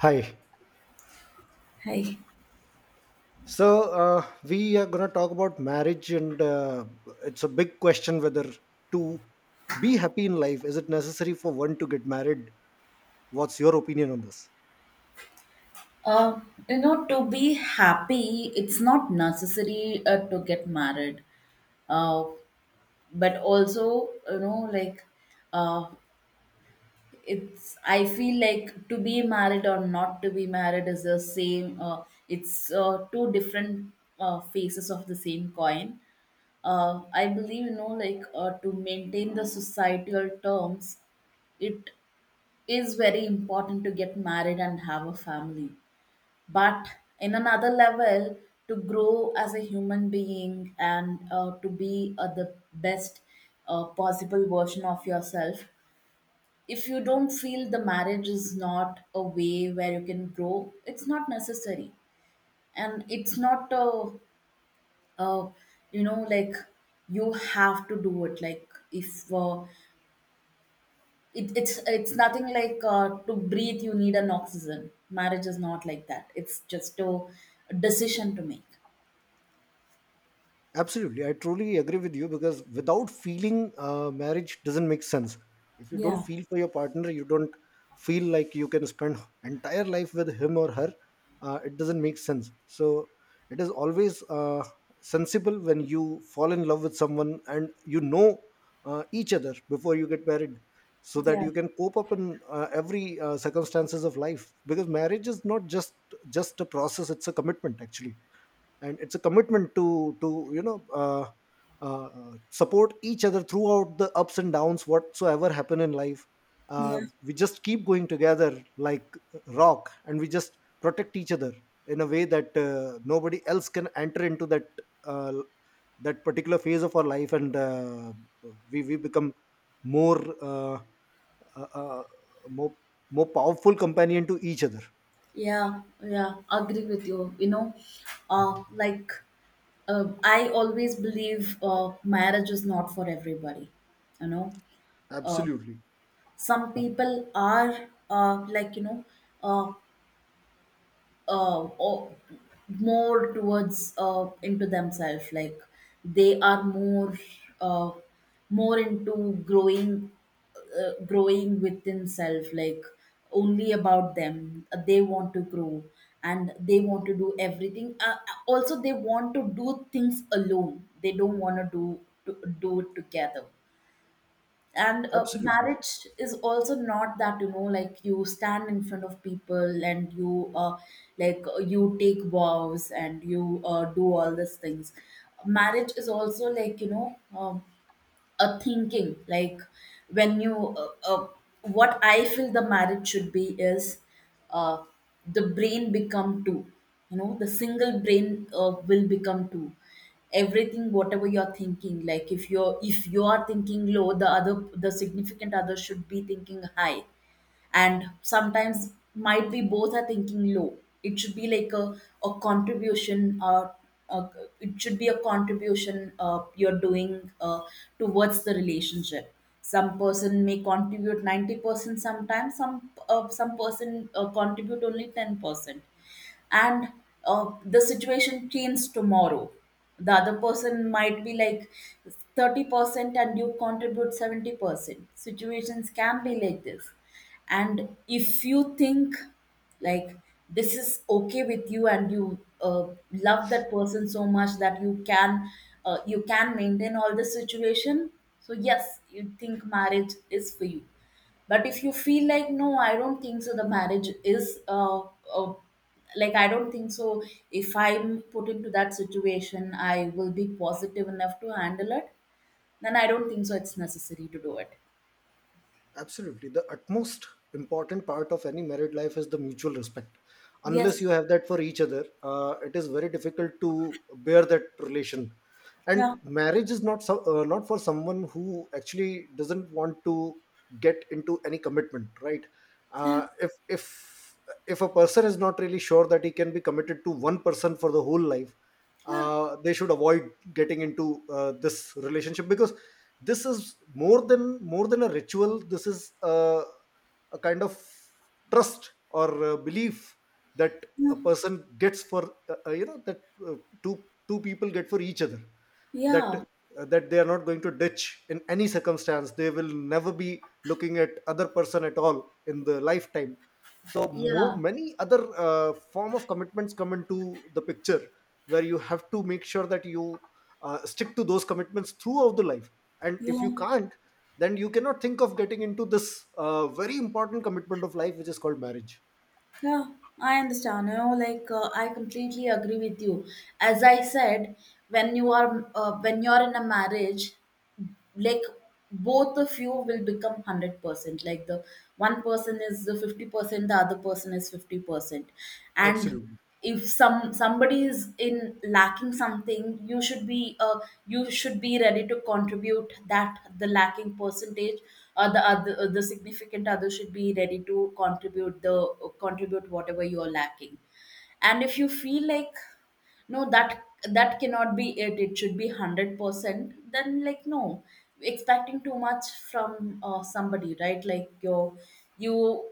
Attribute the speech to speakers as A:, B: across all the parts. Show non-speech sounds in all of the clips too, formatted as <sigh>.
A: Hi.
B: Hi.
A: So we are going to talk about marriage, and it's a big question whether to be happy in life is it necessary for one to get married? What's your opinion on this?
B: Uh, you know, to be happy, it's not necessary to get married, uh, but also, you know, like, uh, it's. I feel like to be married or not to be married is the same. It's two different faces of the same coin. I believe, you know, like, to maintain the societal terms, it is very important to get married and have a family, but in another level, to grow as a human being and to be the best possible version of yourself. If you don't feel the marriage is not a way where you can grow, it's not necessary. And it's not a, you know, like, you have to do it. Like, if it's nothing. Like, to breathe you need an oxygen. Marriage is not like that. It's just a decision to make.
A: Absolutely, I truly agree with you because without feeling, marriage doesn't make sense. If you don't
B: Yeah.
A: feel for your partner, you don't feel like you can spend entire life with him or her. It doesn't make sense. So it is always sensible when you fall in love with someone and you know each other before you get married, so that
B: Yeah.
A: you can cope up in every circumstances of life. Because marriage is not just a process; it's a commitment actually, and it's a commitment to you know support each other throughout the ups and downs whatsoever happen in life.
B: Yeah.
A: We just keep going together like rock, and we just protect each other in a way that nobody else can enter into uh, that particular phase of our life. And we become more uh, uh, uh, more more powerful companion to each other.
B: Yeah, yeah, agree with you. You know, like, I always believe marriage is not for everybody. You know, uh,
A: Absolutely.
B: some people are like, you know. Uh, or more towards into themselves, like they are more, uh, more into growing within self, like only about them they want to grow, and they want to do everything. Also, they want to do things alone. They don't want to do it together. And
A: Absolutely.
B: marriage is also not that, you know, like you stand in front of people and you take vows and you do all these things. Marriage is also like, you know, a thinking. Like, when you what I feel the marriage should be is, uh, the brain become two. You know, the single brain will become two. Everything, whatever you're thinking, like if you're if you are thinking low, the significant other should be thinking high. And sometimes might be both are thinking low. It should be like a contribution. Uh, it should be a contribution you're doing towards the relationship. Some person may contribute 90%. Sometimes some person contribute only 10%. And the situation changes tomorrow. The other person might be like 30% and you contribute 70%. Situations can be like this. And if you think, like, this is okay with you and you love that person so much that you can maintain all the situation. So yes, you think marriage is for you. But if you feel like, no, I don't think so, the marriage is, uh, like, I don't think so. If I'm put into that situation, I will be positive enough to handle it, then I don't think so it's necessary to do it.
A: Absolutely. The utmost important part of any married life is the mutual respect. Unless
B: Yes.
A: you have that for each other, it is very difficult to bear that relation. And
B: Yeah.
A: marriage is not so, not for someone who actually doesn't want to get into any commitment, right?
B: Yeah.
A: Uh, if if if a person is not really sure that he can be committed to one person for the whole life,
B: Yeah.
A: they should avoid getting into this relationship, because this is more than a ritual. This is a kind of trust or belief that
B: Yeah.
A: a person gets for you know, that uh, two people get for each other, that
B: Yeah.
A: that they are not going to ditch in any circumstance. They will never be looking at other person at all in the lifetime. So
B: Yeah.
A: many other form of commitments come into the picture where you have to make sure that you stick to those commitments throughout the life. And if you
B: Yeah.
A: can't, then you cannot think of getting into this very important commitment of life, which is called marriage.
B: Yeah. I understand. You know, like, I completely agree with you. As I said, when you're in a marriage, like both of you will become 100%. Like, the one person is the 50%, the other person is 50%. And
A: Absolutely.
B: if somebody is in lacking something, you should be ready to contribute that, the lacking percentage, or the significant other should be ready to contribute whatever you are lacking. And if you feel like, no, that cannot be, it should be 100%, then, like, no, expecting too much from somebody, right? Like, you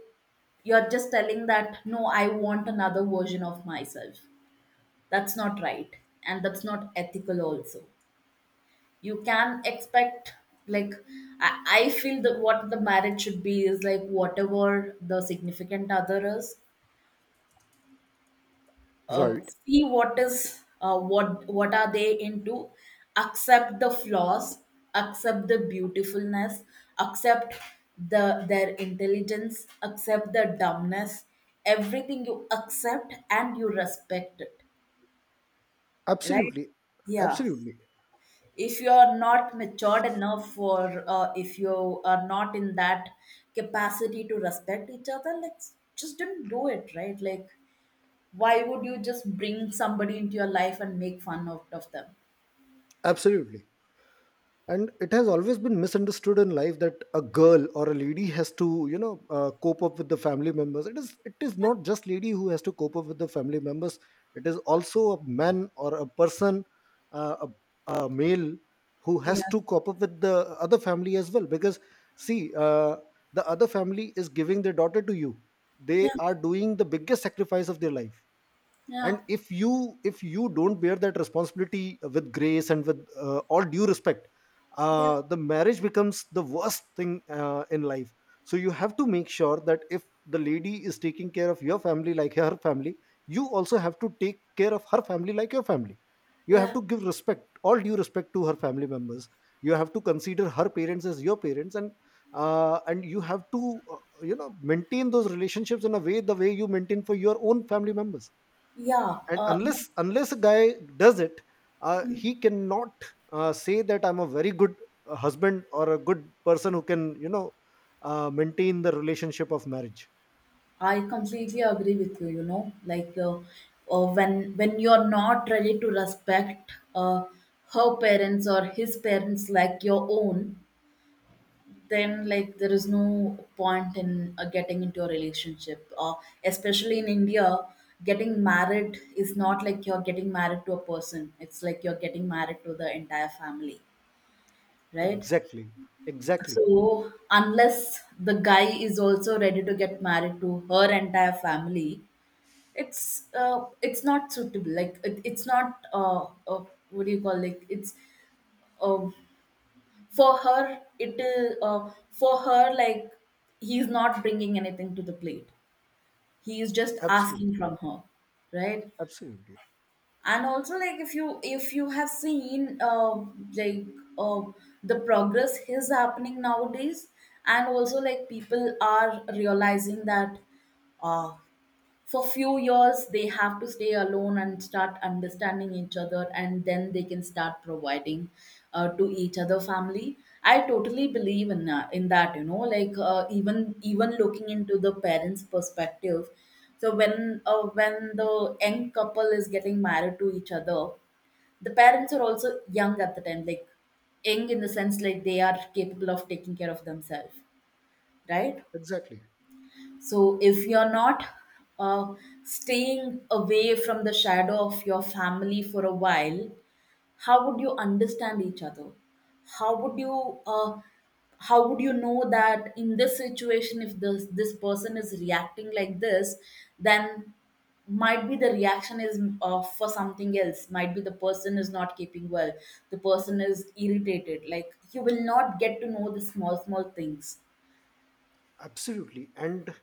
B: you're just telling that, no, I want another version of myself. That's not right, and that's not ethical also. You can expect, like, i, I feel that what the marriage should be is like whatever the significant other is.
A: Right.
B: See what is what are they into. Accept the flaws, accept the beautifulness, accept their intelligence, accept the dumbness. Everything you accept and you respect it, right?
A: Absolutely.
B: Yeah.
A: Absolutely.
B: If you are not matured enough, or if you are not in that capacity to respect each other, like, just don't do it, right? Like, why would you just bring somebody into your life and make fun of them?
A: Absolutely. And it has always been misunderstood in life that a girl or a lady has to you know cope up with the family members. It is not just lady who has to cope up with the family members. It is also a man or a person, uh, a male, who
B: Yeah.
A: has to cope up with the other family as well. Because see, the other family is giving their daughter to you.
B: Yeah.
A: They
B: Yeah.
A: are doing the biggest sacrifice of their life.
B: Yeah.
A: And if you don't bear that responsibility with grace and with all due respect,
B: Yeah.
A: the marriage becomes the worst thing in life. So you have to make sure that if the lady is taking care of your family like her family, you also have to take care of her family like your family. You have
B: Yeah.
A: to give respect, all due respect, to her family members. You have to consider her parents as your parents. And and you have to you know maintain those relationships in a way the way you maintain for your own family members.
B: Yeah.
A: And unless a guy does it, he cannot say that I'm a very good husband or a good person who can you know maintain the relationship of marriage.
B: I completely agree with you. You know, like, when you're not ready to respect her parents or his parents like your own, then, like, there is no point in getting into a relationship. Or especially in India, getting married is not like you're getting married to a person, it's like you're getting married to the entire family, right?
A: Exactly. Exactly.
B: So unless the guy is also ready to get married to her entire family, it's not suitable. Like, it's not, what do you call, like, it's uh, for her, like, he's not bringing anything to the plate. He is just asking
A: Absolutely.
B: from her, right?
A: Absolutely.
B: And also, like, if you have seen, like uh, the progress is happening nowadays. And also, like, people are realizing that, uh, for few years they have to stay alone and start understanding each other, and then they can start providing to each other family. I totally believe in that, you know, like, even looking into the parents perspective. So when the young couple is getting married to each other, the parents are also young at the time. Like, young in the sense, like, they are capable of taking care of themselves, right?
A: Exactly.
B: So if you're not uh, staying away from the shadow of your family for a while, how would you understand each other? How would you uh, how would you know that in this situation, if this person is reacting like this, then might be the reaction is for something else. Might be the person is not keeping well. The person is irritated. Like, you will not get to know the small small things.
A: Absolutely. And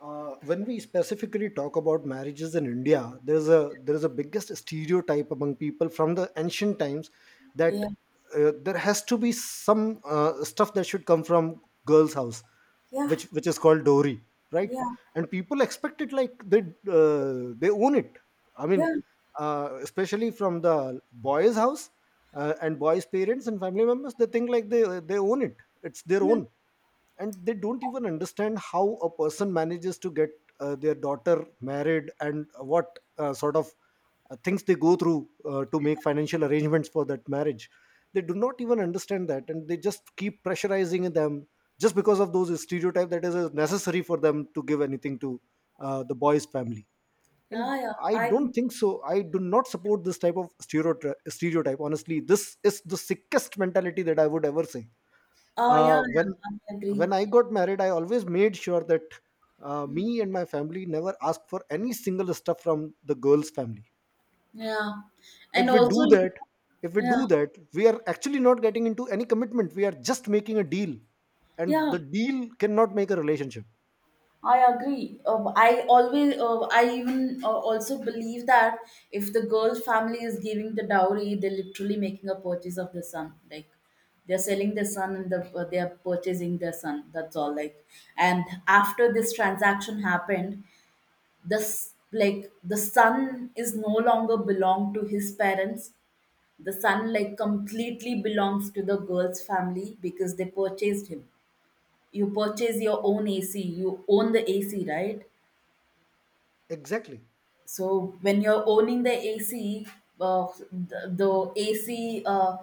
A: when we specifically talk about marriages in India, there's a biggest stereotype among people from the ancient times, that
B: Yeah.
A: there has to be some stuff that should come from girl's house,
B: Yeah.
A: which is called dowry. Right?
B: Yeah.
A: And people expect it like they own it. I mean,
B: Yeah.
A: especially from the boys house, and boys parents and family members, they think like they own it. It's their
B: Yeah.
A: own. And they don't even understand how a person manages to get their daughter married, and what sort of things they go through to make financial arrangements for that marriage. They do not even understand that, and they just keep pressurizing them just because of those stereotypes, that is necessary for them to give anything to the boy's family. And
B: Yeah, yeah.
A: I
B: I
A: don't
B: think.
A: think so, I do not support this type of stereotype honestly. This is the sickest mentality that I would ever say.
B: Oh, yeah,
A: uh, when
B: yeah, I
A: when I
B: agree.
A: got married, I always made sure that
B: Mm.
A: me and my family never asked for any single stuff from the girl's family.
B: Yeah. And
A: if we do
B: also, you
A: that
B: know,
A: if we do
B: yeah,
A: that we are actually not getting into any commitment, we are just making a deal. And
B: yeah,
A: the deal cannot make a relationship.
B: I agree. I always, I even, also believe that if the girl family is giving the dowry, they're literally making a purchase of the son. Like, they're selling the son, and they're purchasing their son. That's all. Like, and after this transaction happened, this, like, the son is no longer belong to his parents. The son, like, completely belongs to the girl's family because they purchased him. You purchase your own AC, you own the AC, right?
A: Exactly.
B: So when you're owning the AC, the AC,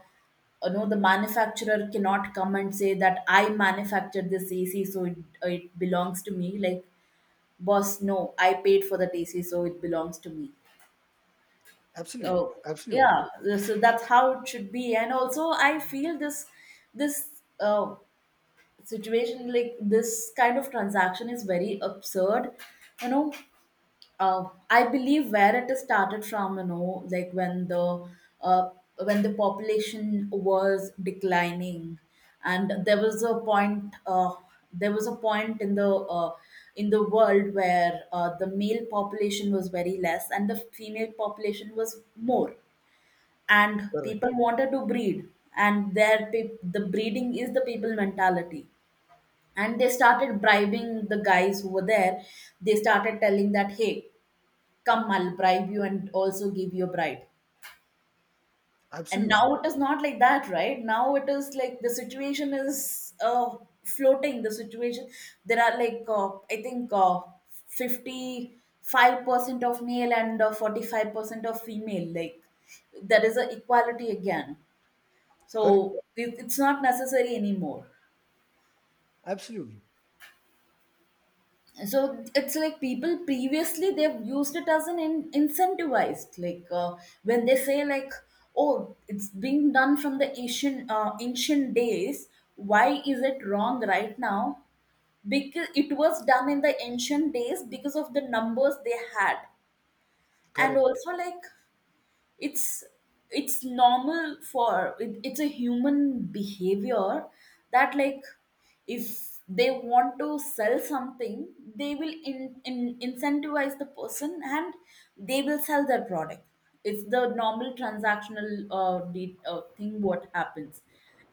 B: you know, the manufacturer cannot come and say that I manufactured this AC, so it belongs to me. Like, boss, no, I paid for that AC, so it belongs to me.
A: Absolutely.
B: So
A: Absolutely.
B: yeah, so that's how it should be. And also, I feel this situation, like this kind of transaction, is very absurd. You know, I believe where it is started from. You know, like, when uh, the population was declining, and there was a point. There was a point in the world where the male population was very less and the female population was more, and people
A: Correct.
B: wanted to breed. And their the breeding is the people mentality, and they started bribing the guys who were there. They started telling that, hey, come, I'll bribe you and also give you a bride. And
A: Absolutely.
B: now it is not like that. Right now it is like, the situation is, floating the situation. There are, like, I think, 55% of male and 45% of female. Like, there is a equality again. So
A: Correct.
B: it's not necessary anymore.
A: Absolutely.
B: So it's like, people previously they've used it as an incentivized, like, when they say, like, oh, it's being done from the ancient days. Why is it wrong right now? Because it was done in the ancient days because of the numbers they had, and
A: Correct.
B: also, like, it's it's normal for it's a human behavior that, like, if they want to sell something, they will in incentivize the person, and they will sell their product. It's the normal transactional, thing what happens.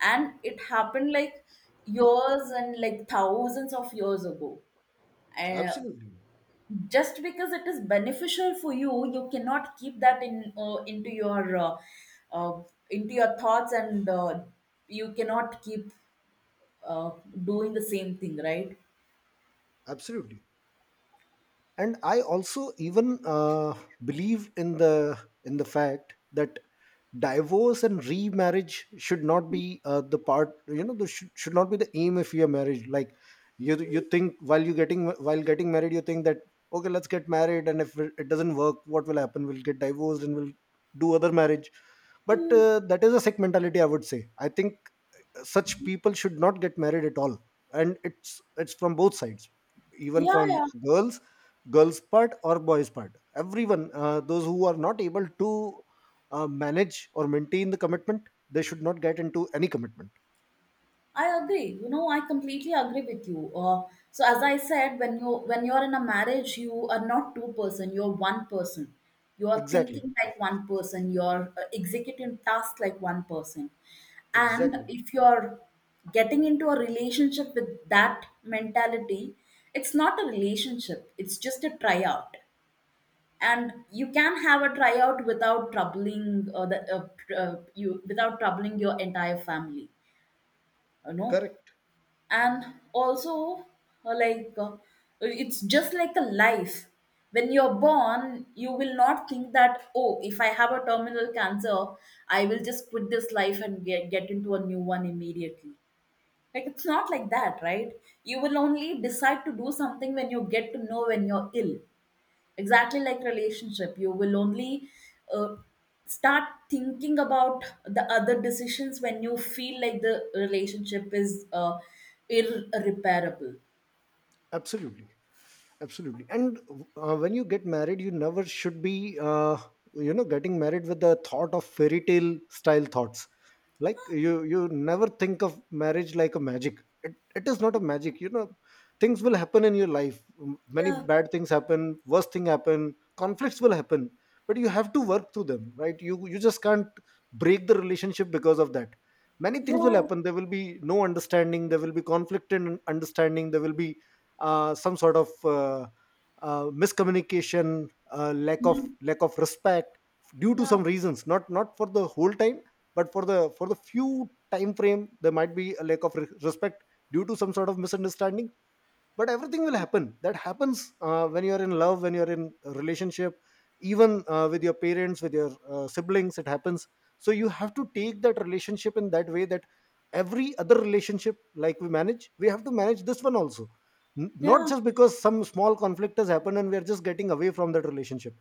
B: And it happened, like, years and, like, thousands of years ago. Uh,
A: Absolutely.
B: just because it is beneficial for you cannot keep that in uh, into your thoughts, and you cannot keep uh, doing the same thing, right?
A: Absolutely. And I also even believe in the fact that divorce and remarriage should not be the part, you know, should not be the aim if you are married. Like, you think while you getting while getting married, you think that okay, let's get married, and if it it doesn't work, what will happen, we'll get divorced and we'll do other marriage. But that is a sick mentality I would say. I think such people should not get married at all. And it's from both sides, even
B: Yeah,
A: from
B: yeah,
A: girls. Girls part or boys part, everyone those who are not able to manage or maintain the commitment, they should not get into any commitment.
B: I agree. You know, I completely agree with you. So as I said, when you're in a marriage, you are not two person. You're one person. You are
A: Exactly.
B: thinking like one person. You're executing tasks like one person. And
A: Exactly.
B: if you're getting into a relationship with that mentality, it's not a relationship. It's just a tryout. And you can have a tryout without troubling you, without troubling your entire family. You know
A: Correct.
B: and also, uh, like uh, it's just like a life. When you're born you will not think that, oh, if I have a terminal cancer I will just quit this life and get into a new one immediately. Like, it's not like that, right? You will only decide to do something when you get to know when you're ill. Exactly like relationship, you will only uh, start thinking about the other decisions when you feel like the relationship is irreparable.
A: Absolutely. Absolutely. And when you get married, you never should be you know getting married with the thought of fairy tale style thoughts. Like, you never think of marriage like a magic. It is not a magic, you know. Things will happen in your life. Many
B: Yeah,
A: bad things happen, worst thing happen, conflicts will happen, but you have to work through them, right? You just can't break the relationship because of that. Many things will
B: yeah,
A: happen, there will be no understanding, there will be conflict in understanding, there will be some sort of miscommunication, lack of respect due to
B: yeah,
A: some reasons, not for the whole time, but for the few time frame there might be a lack of respect due to some sort of misunderstanding. But everything will happen, that happens when you're in love, when you're in a relationship. Even with your parents, with your siblings, it happens. So you have to take that relationship in that way, that every other relationship like we manage, we have to manage this one also. Not
B: yeah.
A: just because some small conflict has happened and we are just getting away from that relationship.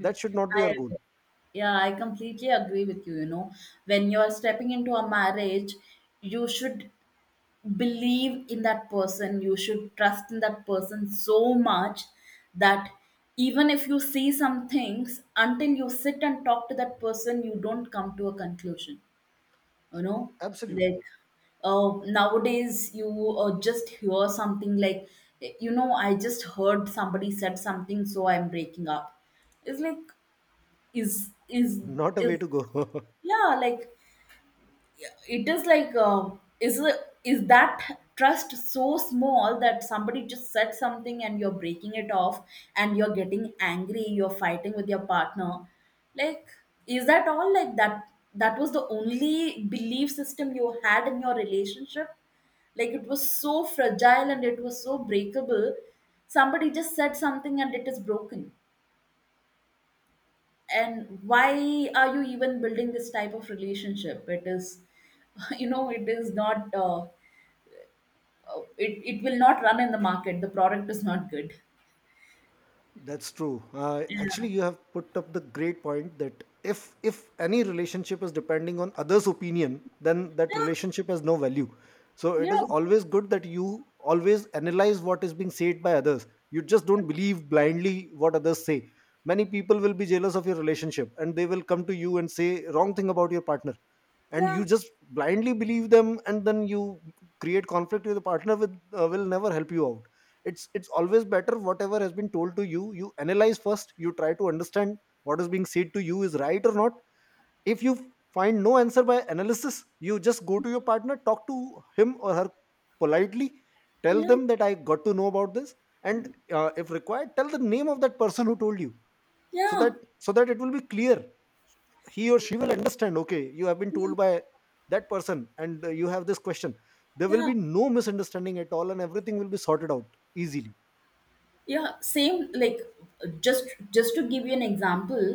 A: That should not be
B: I
A: our goal.
B: agree. Yeah, I completely agree with you. You know, when you're stepping into a marriage, you should believe in that person, you should trust in that person so much that even if you see some things, until you sit and talk to that person, you don't come to a conclusion, you know? Like,
A: Absolutely.
B: nowadays you just hear something like, you know, I just heard somebody said something, so I'm breaking up. It's like, is is
A: Not a way
B: is
A: to go. <laughs>
B: yeah, like, it is like, is is that trust so small that somebody just said something and you're breaking it off, and you're getting angry, you're fighting with your partner? Like, is that all? Like that, that was the only belief system you had in your relationship? Like it was so fragile and it was so breakable, somebody just said something and it is broken. And why are you even building this type of relationship? It is <laughs> you know, it is not, it will not run in the market, the product is not good.
A: That's true. Actually, you have put up the great point that if any relationship is depending on others' opinion, then that
B: yeah
A: relationship has no value. So it is
B: yeah
A: always good that you always analyze what is being said by others. You just don't believe blindly what others say. Many people will be jealous of your relationship and they will come to you and say wrong thing about your partner, and you
B: yeah
A: just blindly believe them, and then you create conflict with the partner, with will never help you out. It's always better whatever has been told to you, you analyze first, you try to understand what is being said to you is right or not. If you find no answer by analysis, you just go to your partner, talk to him or her politely, tell
B: yeah
A: them that I got to know about this. And if required tell the name of that person who told you, so that,
B: yeah
A: so that it will be clear. He or she will understand, okay, you have been told by that person, and you have this question. There will
B: yeah
A: be no misunderstanding at all and everything will be sorted out easily.
B: yeah Same, like, just just to give you an example,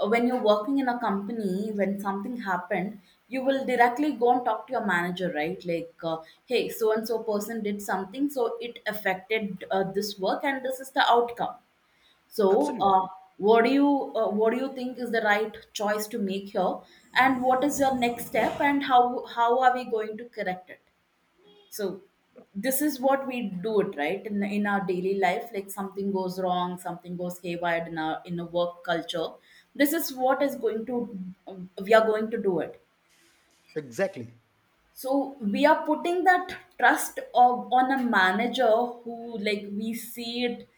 B: when you're working in a company, when something happened, you will directly go and talk to your manager, right? Like, hey, so and so person did something, so it affected this work and this is the outcome. So,
A: Absolutely.
B: what do you, what do you think is the right choice to make here, and what is your next step, and how are we going to correct it? So, this is what we do, it right in our daily life. Like, something goes wrong, something goes haywire in our, in a work culture. This is what is going to, we are going to do it.
A: Exactly.
B: So, we are putting that trust of, on a manager who, like, we see it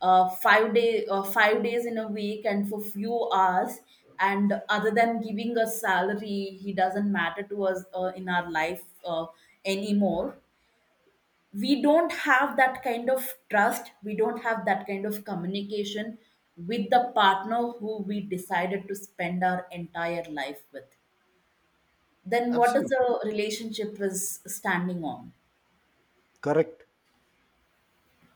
B: 5 days in a week and for few hours, and other than giving us salary, he doesn't matter to us in our life anymore. We don't have that kind of trust, we don't have that kind of communication with the partner who we decided to spend our entire life with. Then what is
A: Absolutely.
B: the relationship is standing on?
A: Correct.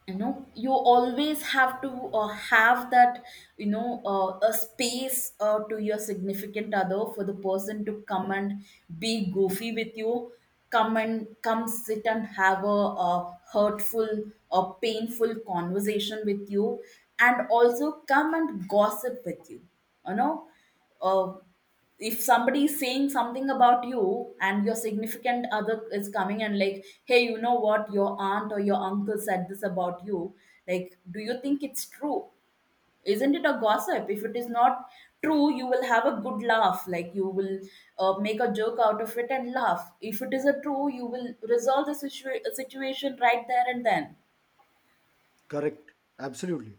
B: You know, you always have to have that, you know, a space to your significant other for the person to come and be goofy with you, come and come sit and have a, uh, hurtful or painful conversation with you, and also come and gossip with you, you know? uh, if somebody is saying something about you and your significant other is coming and like, hey, you know what, your aunt or your uncle said this about you, like, do you think it's true? Isn't it a gossip? If it is not true, you will have a good laugh, like, you will make a joke out of it and laugh. If it is a true, you will resolve the situation right there and then.
A: Correct. Absolutely.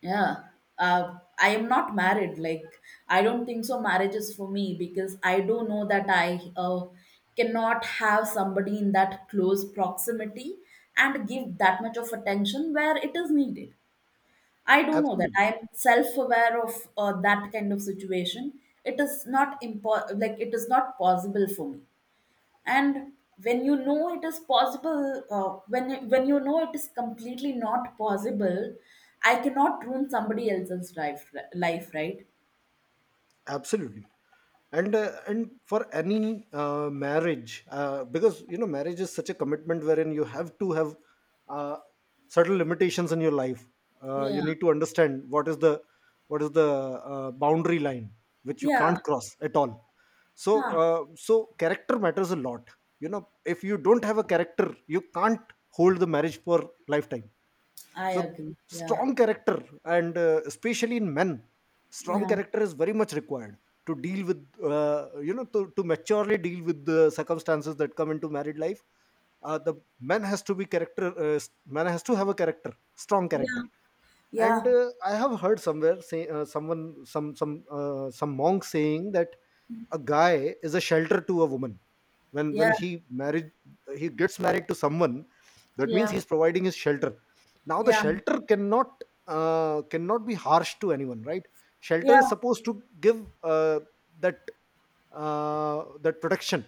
B: Yeah. I am not married. Like, I don't think so. Marriage is for me, because I do know that I cannot have somebody in that close proximity and give that much of attention where it is needed. I do know that. I
A: Absolutely.
B: am self aware of that kind of situation. It is not like it is not possible for me. And when you know it is possible, when you know it is completely not possible, I cannot ruin somebody else's life, right?
A: Absolutely. And and for any marriage, because you know, marriage is such a commitment wherein you have to have uh, certain limitations in your life. You
B: yeah
A: need to understand what is the what is the boundary line which you
B: yeah
A: can't cross at all. so
B: Huh.
A: so character matters a lot. You know, if you don't have a character, you can't hold the marriage for lifetime.
B: I
A: So
B: agree yeah
A: strong character, and especially in men, strong
B: yeah
A: character is very much required to deal with, you know, to maturely deal with the circumstances that come into married life. The man has to be character man has to have a character, strong
B: yeah
A: character.
B: yeah
A: And I have heard somewhere say, someone some monk saying that a guy is a shelter to a woman. when
B: yeah
A: when he married, he gets married to someone, that means
B: yeah
A: he's providing his shelter. Now the
B: yeah
A: shelter cannot cannot be harsh to anyone, right? Shelter is
B: yeah
A: supposed to give, that, that protection.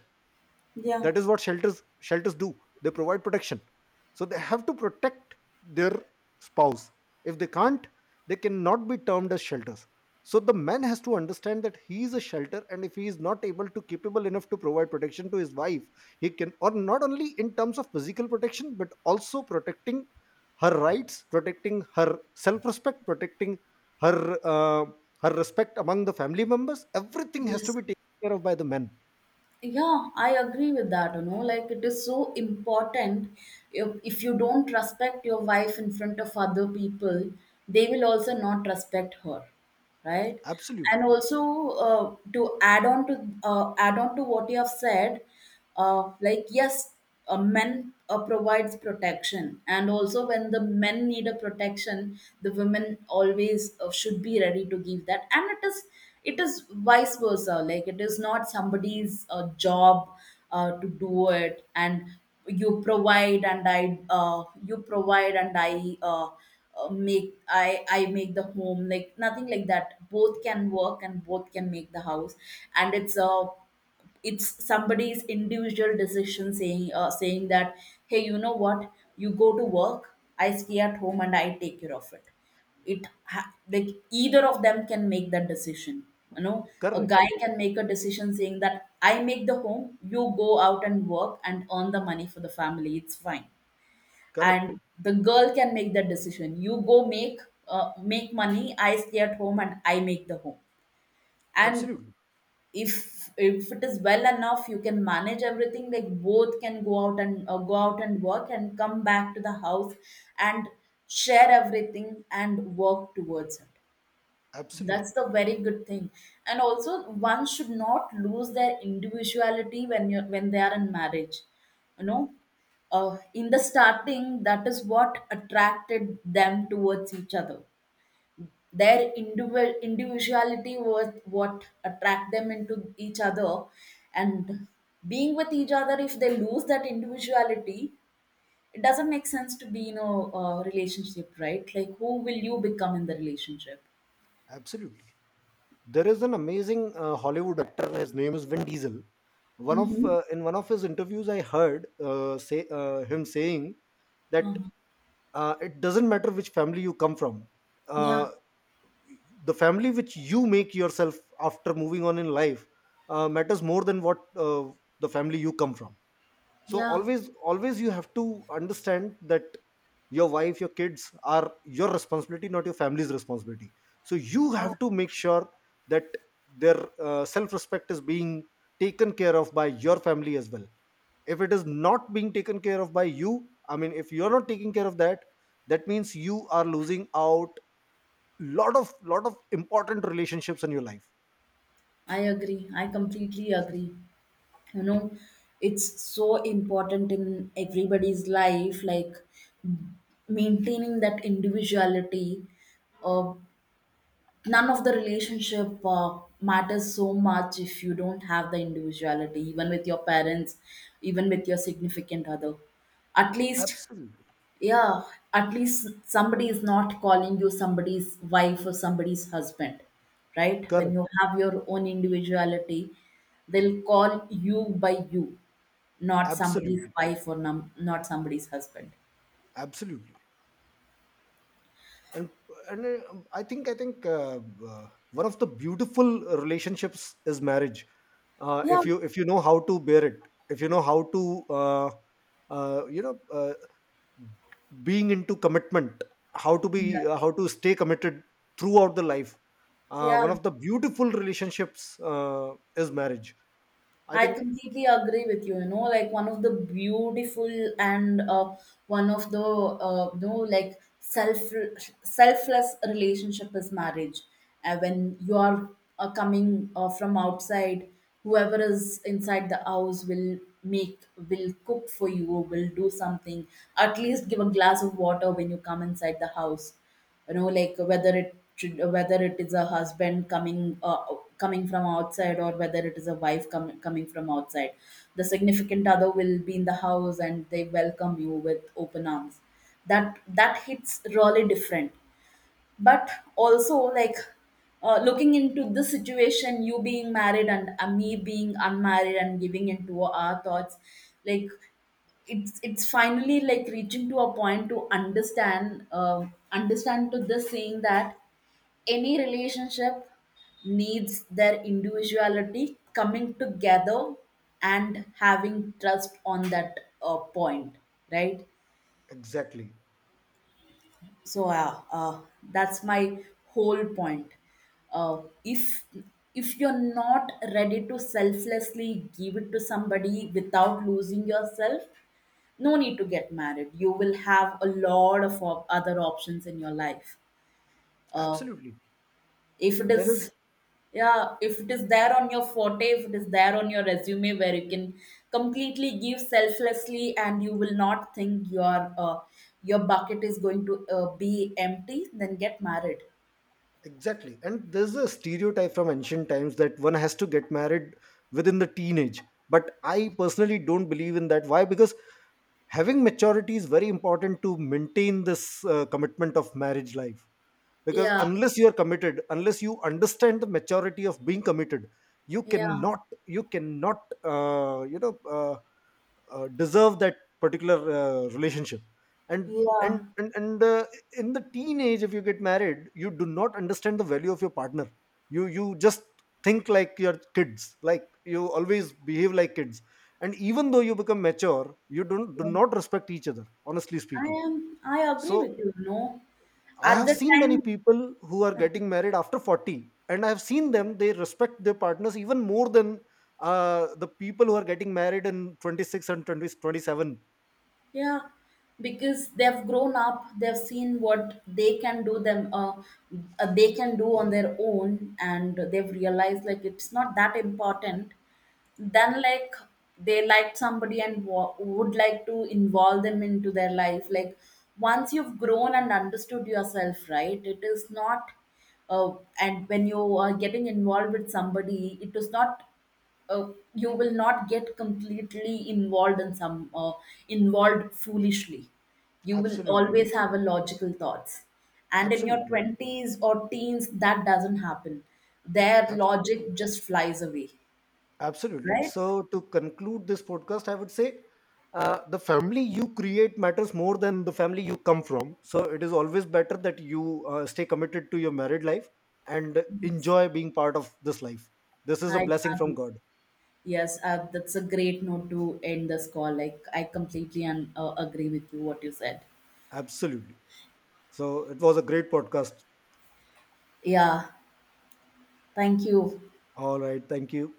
B: yeah
A: That is what shelters, shelters do. They provide protection. So they have to protect their spouse. If they can't, they cannot be termed as shelters. So the man has to understand that he is a shelter, and if he is not able to capable enough to provide protection to his wife, he can or not, only in terms of physical protection, but also protecting her rights, protecting her self respect, protecting her her respect among the family members. Everything has to
B: yes
A: be taken care of by the men.
B: yeah, I agree with that, you know, like, it is so important. If you don't respect your wife in front of other people, they will also not respect her, right? And
A: Absolutely.
B: also, to add on to add on to what you have said, like, yes, a men provides protection, and also when the men need a protection, the women always should be ready to give that. And it is vice versa. Like, it is not somebody's job to do it, and you provide and I you provide and I uh, make I make the home, like nothing like that. Both can work and both can make the house. And it's a, it's somebody's individual decision saying, saying that, hey, you know what, you go to work, I stay at home, and I take care of it. it like, either of them can make that decision, you know? A
A: Correct.
B: guy can make a decision saying that, I make the home, you go out and work and earn the money for the family, it's fine.
A: Correct.
B: And the girl can make that decision, you go make, make money, I stay at home and I make the home. And
A: Absolutely.
B: if it is well enough, you can manage everything. Like, both can go out and, go out and work and come back to the house, and share everything and work towards it. That's
A: Absolutely.
B: the very good thing. And also one should not lose their individuality when you when they are in marriage, you know? In the starting, that is what attracted them towards each other. Their individuality was what attract them into each other. And being with each other, if they lose that individuality, it doesn't make sense to be in a, uh, relationship, right? Like, who will you become in the relationship?
A: Absolutely. There is an amazing Hollywood actor. His name is Vin Diesel. One of
B: Mm-hmm.
A: in one of his interviews, I heard say him saying that,
B: Uh-huh.
A: it doesn't matter which family you come from.
B: Yeah.
A: Uh, the family which you make yourself after moving on in life matters more than what the family you come from. So
B: Yeah.
A: always, always you have to understand that your wife, your kids are your responsibility, not your family's responsibility. So you
B: Yeah,
A: have to make sure that their self-respect is being taken care of by your family as well. If it is not being taken care of by you, I mean if you're not taking care of that, that means you are losing out lot of important relationships in your life.
B: I agree. I completely agree. You know, it's so important in everybody's life, like, maintaining that individuality, uh, none of the relationship matters so much if you don't have the individuality, even with your parents, even with your significant other, at least.
A: Absolutely.
B: Yeah. At least somebody is not calling you somebody's wife or somebody's husband, right, when you
A: Correct.
B: have your own individuality. They'll call you by you, not somebody's
A: Absolutely.
B: wife or not somebody's husband.
A: Absolutely. and and I think uh, One of the beautiful relationships is marriage.
B: yeah
A: If you, if you know how to bear it, if you know how to, uh, uh, you know uh, being into commitment,
B: yeah
A: how to stay committed throughout the life, one
B: Yeah,
A: of the beautiful relationships is marriage, I
B: I
A: think.
B: completely agree with you. You know, like, one of the beautiful and, one of the, you know, like selfless relationship is marriage. When you are coming, from outside, whoever is inside the house will make, will cook for you, will do something. At least give a glass of water when you come inside the house, you know? Like, whether whether it is a husband coming, coming from outside, or whether it is a wife coming from outside, the significant other will be in the house and they welcome you with open arms. That hits really different. But also, like, looking into this situation, you being married and, me being unmarried and giving into our thoughts, like, it's finally like reaching to a point to understand, to this saying that any relationship needs their individuality coming together, and having trust on that, point, right?
A: Exactly.
B: So, yeah, that's my whole point. Uh, if you're not ready to selflessly give it to somebody without losing yourself, no need to get married. You will have a lot of other options in your life. Uh,
A: Absolutely.
B: if it
A: There
B: is,
A: is.
B: yeah, if it is there on your forte, if it is there on your resume, where you can completely give selflessly and you will not think your, your bucket is going to be empty, then get married.
A: Exactly. And there's a stereotype from ancient times that one has to get married within the teenage. But I personally don't believe in that. Why? Because having maturity is very important to maintain this commitment of marriage life. Because
B: yeah
A: unless you are committed, unless you understand the maturity of being committed, you
B: yeah
A: cannot, you cannot deserve that particular relationship. and and
B: yeah
A: and, and uh, in the teenage, if you get married, you do not understand the value of your partner. You just think like your kids, like you always behave like kids. And even though you become mature, you don't, do not respect each other, honestly
B: I
A: speaking.
B: am I agree
A: So
B: with you, no.
A: I
B: At
A: have
B: the
A: seen
B: time.
A: many people who are getting married after 40, and I have seen them, they respect their partners even more than the people who are getting married in 26 and 2027.
B: Yeah, because they've grown up, they've seen what they can do them, they can do on their own, and they've realized like it's not that important then. Like, they liked somebody and would like to involve them into their life. Like, once you've grown and understood yourself, right, it is not, uh, and when you are getting involved with somebody, it is not, you will not get completely involved in some, involved foolishly. You will
A: Absolutely.
B: always have a logical thoughts. And in your
A: Absolutely.
B: 20s or teens, that doesn't happen. Their logic
A: Absolutely.
B: just flies away.
A: Absolutely.
B: Right.
A: So, to conclude this podcast, I would say the family you create matters more than the family you come from. So, it is always better that you stay committed to your married life and
B: Yes,
A: enjoy being part of this life. This is a
B: I
A: blessing from
B: agree.
A: God.
B: Yes, that's a great note to end this call. Like, I completely agree with you what you said.
A: Absolutely. So it was a great podcast.
B: Yeah, thank you.
A: All right. Thank you.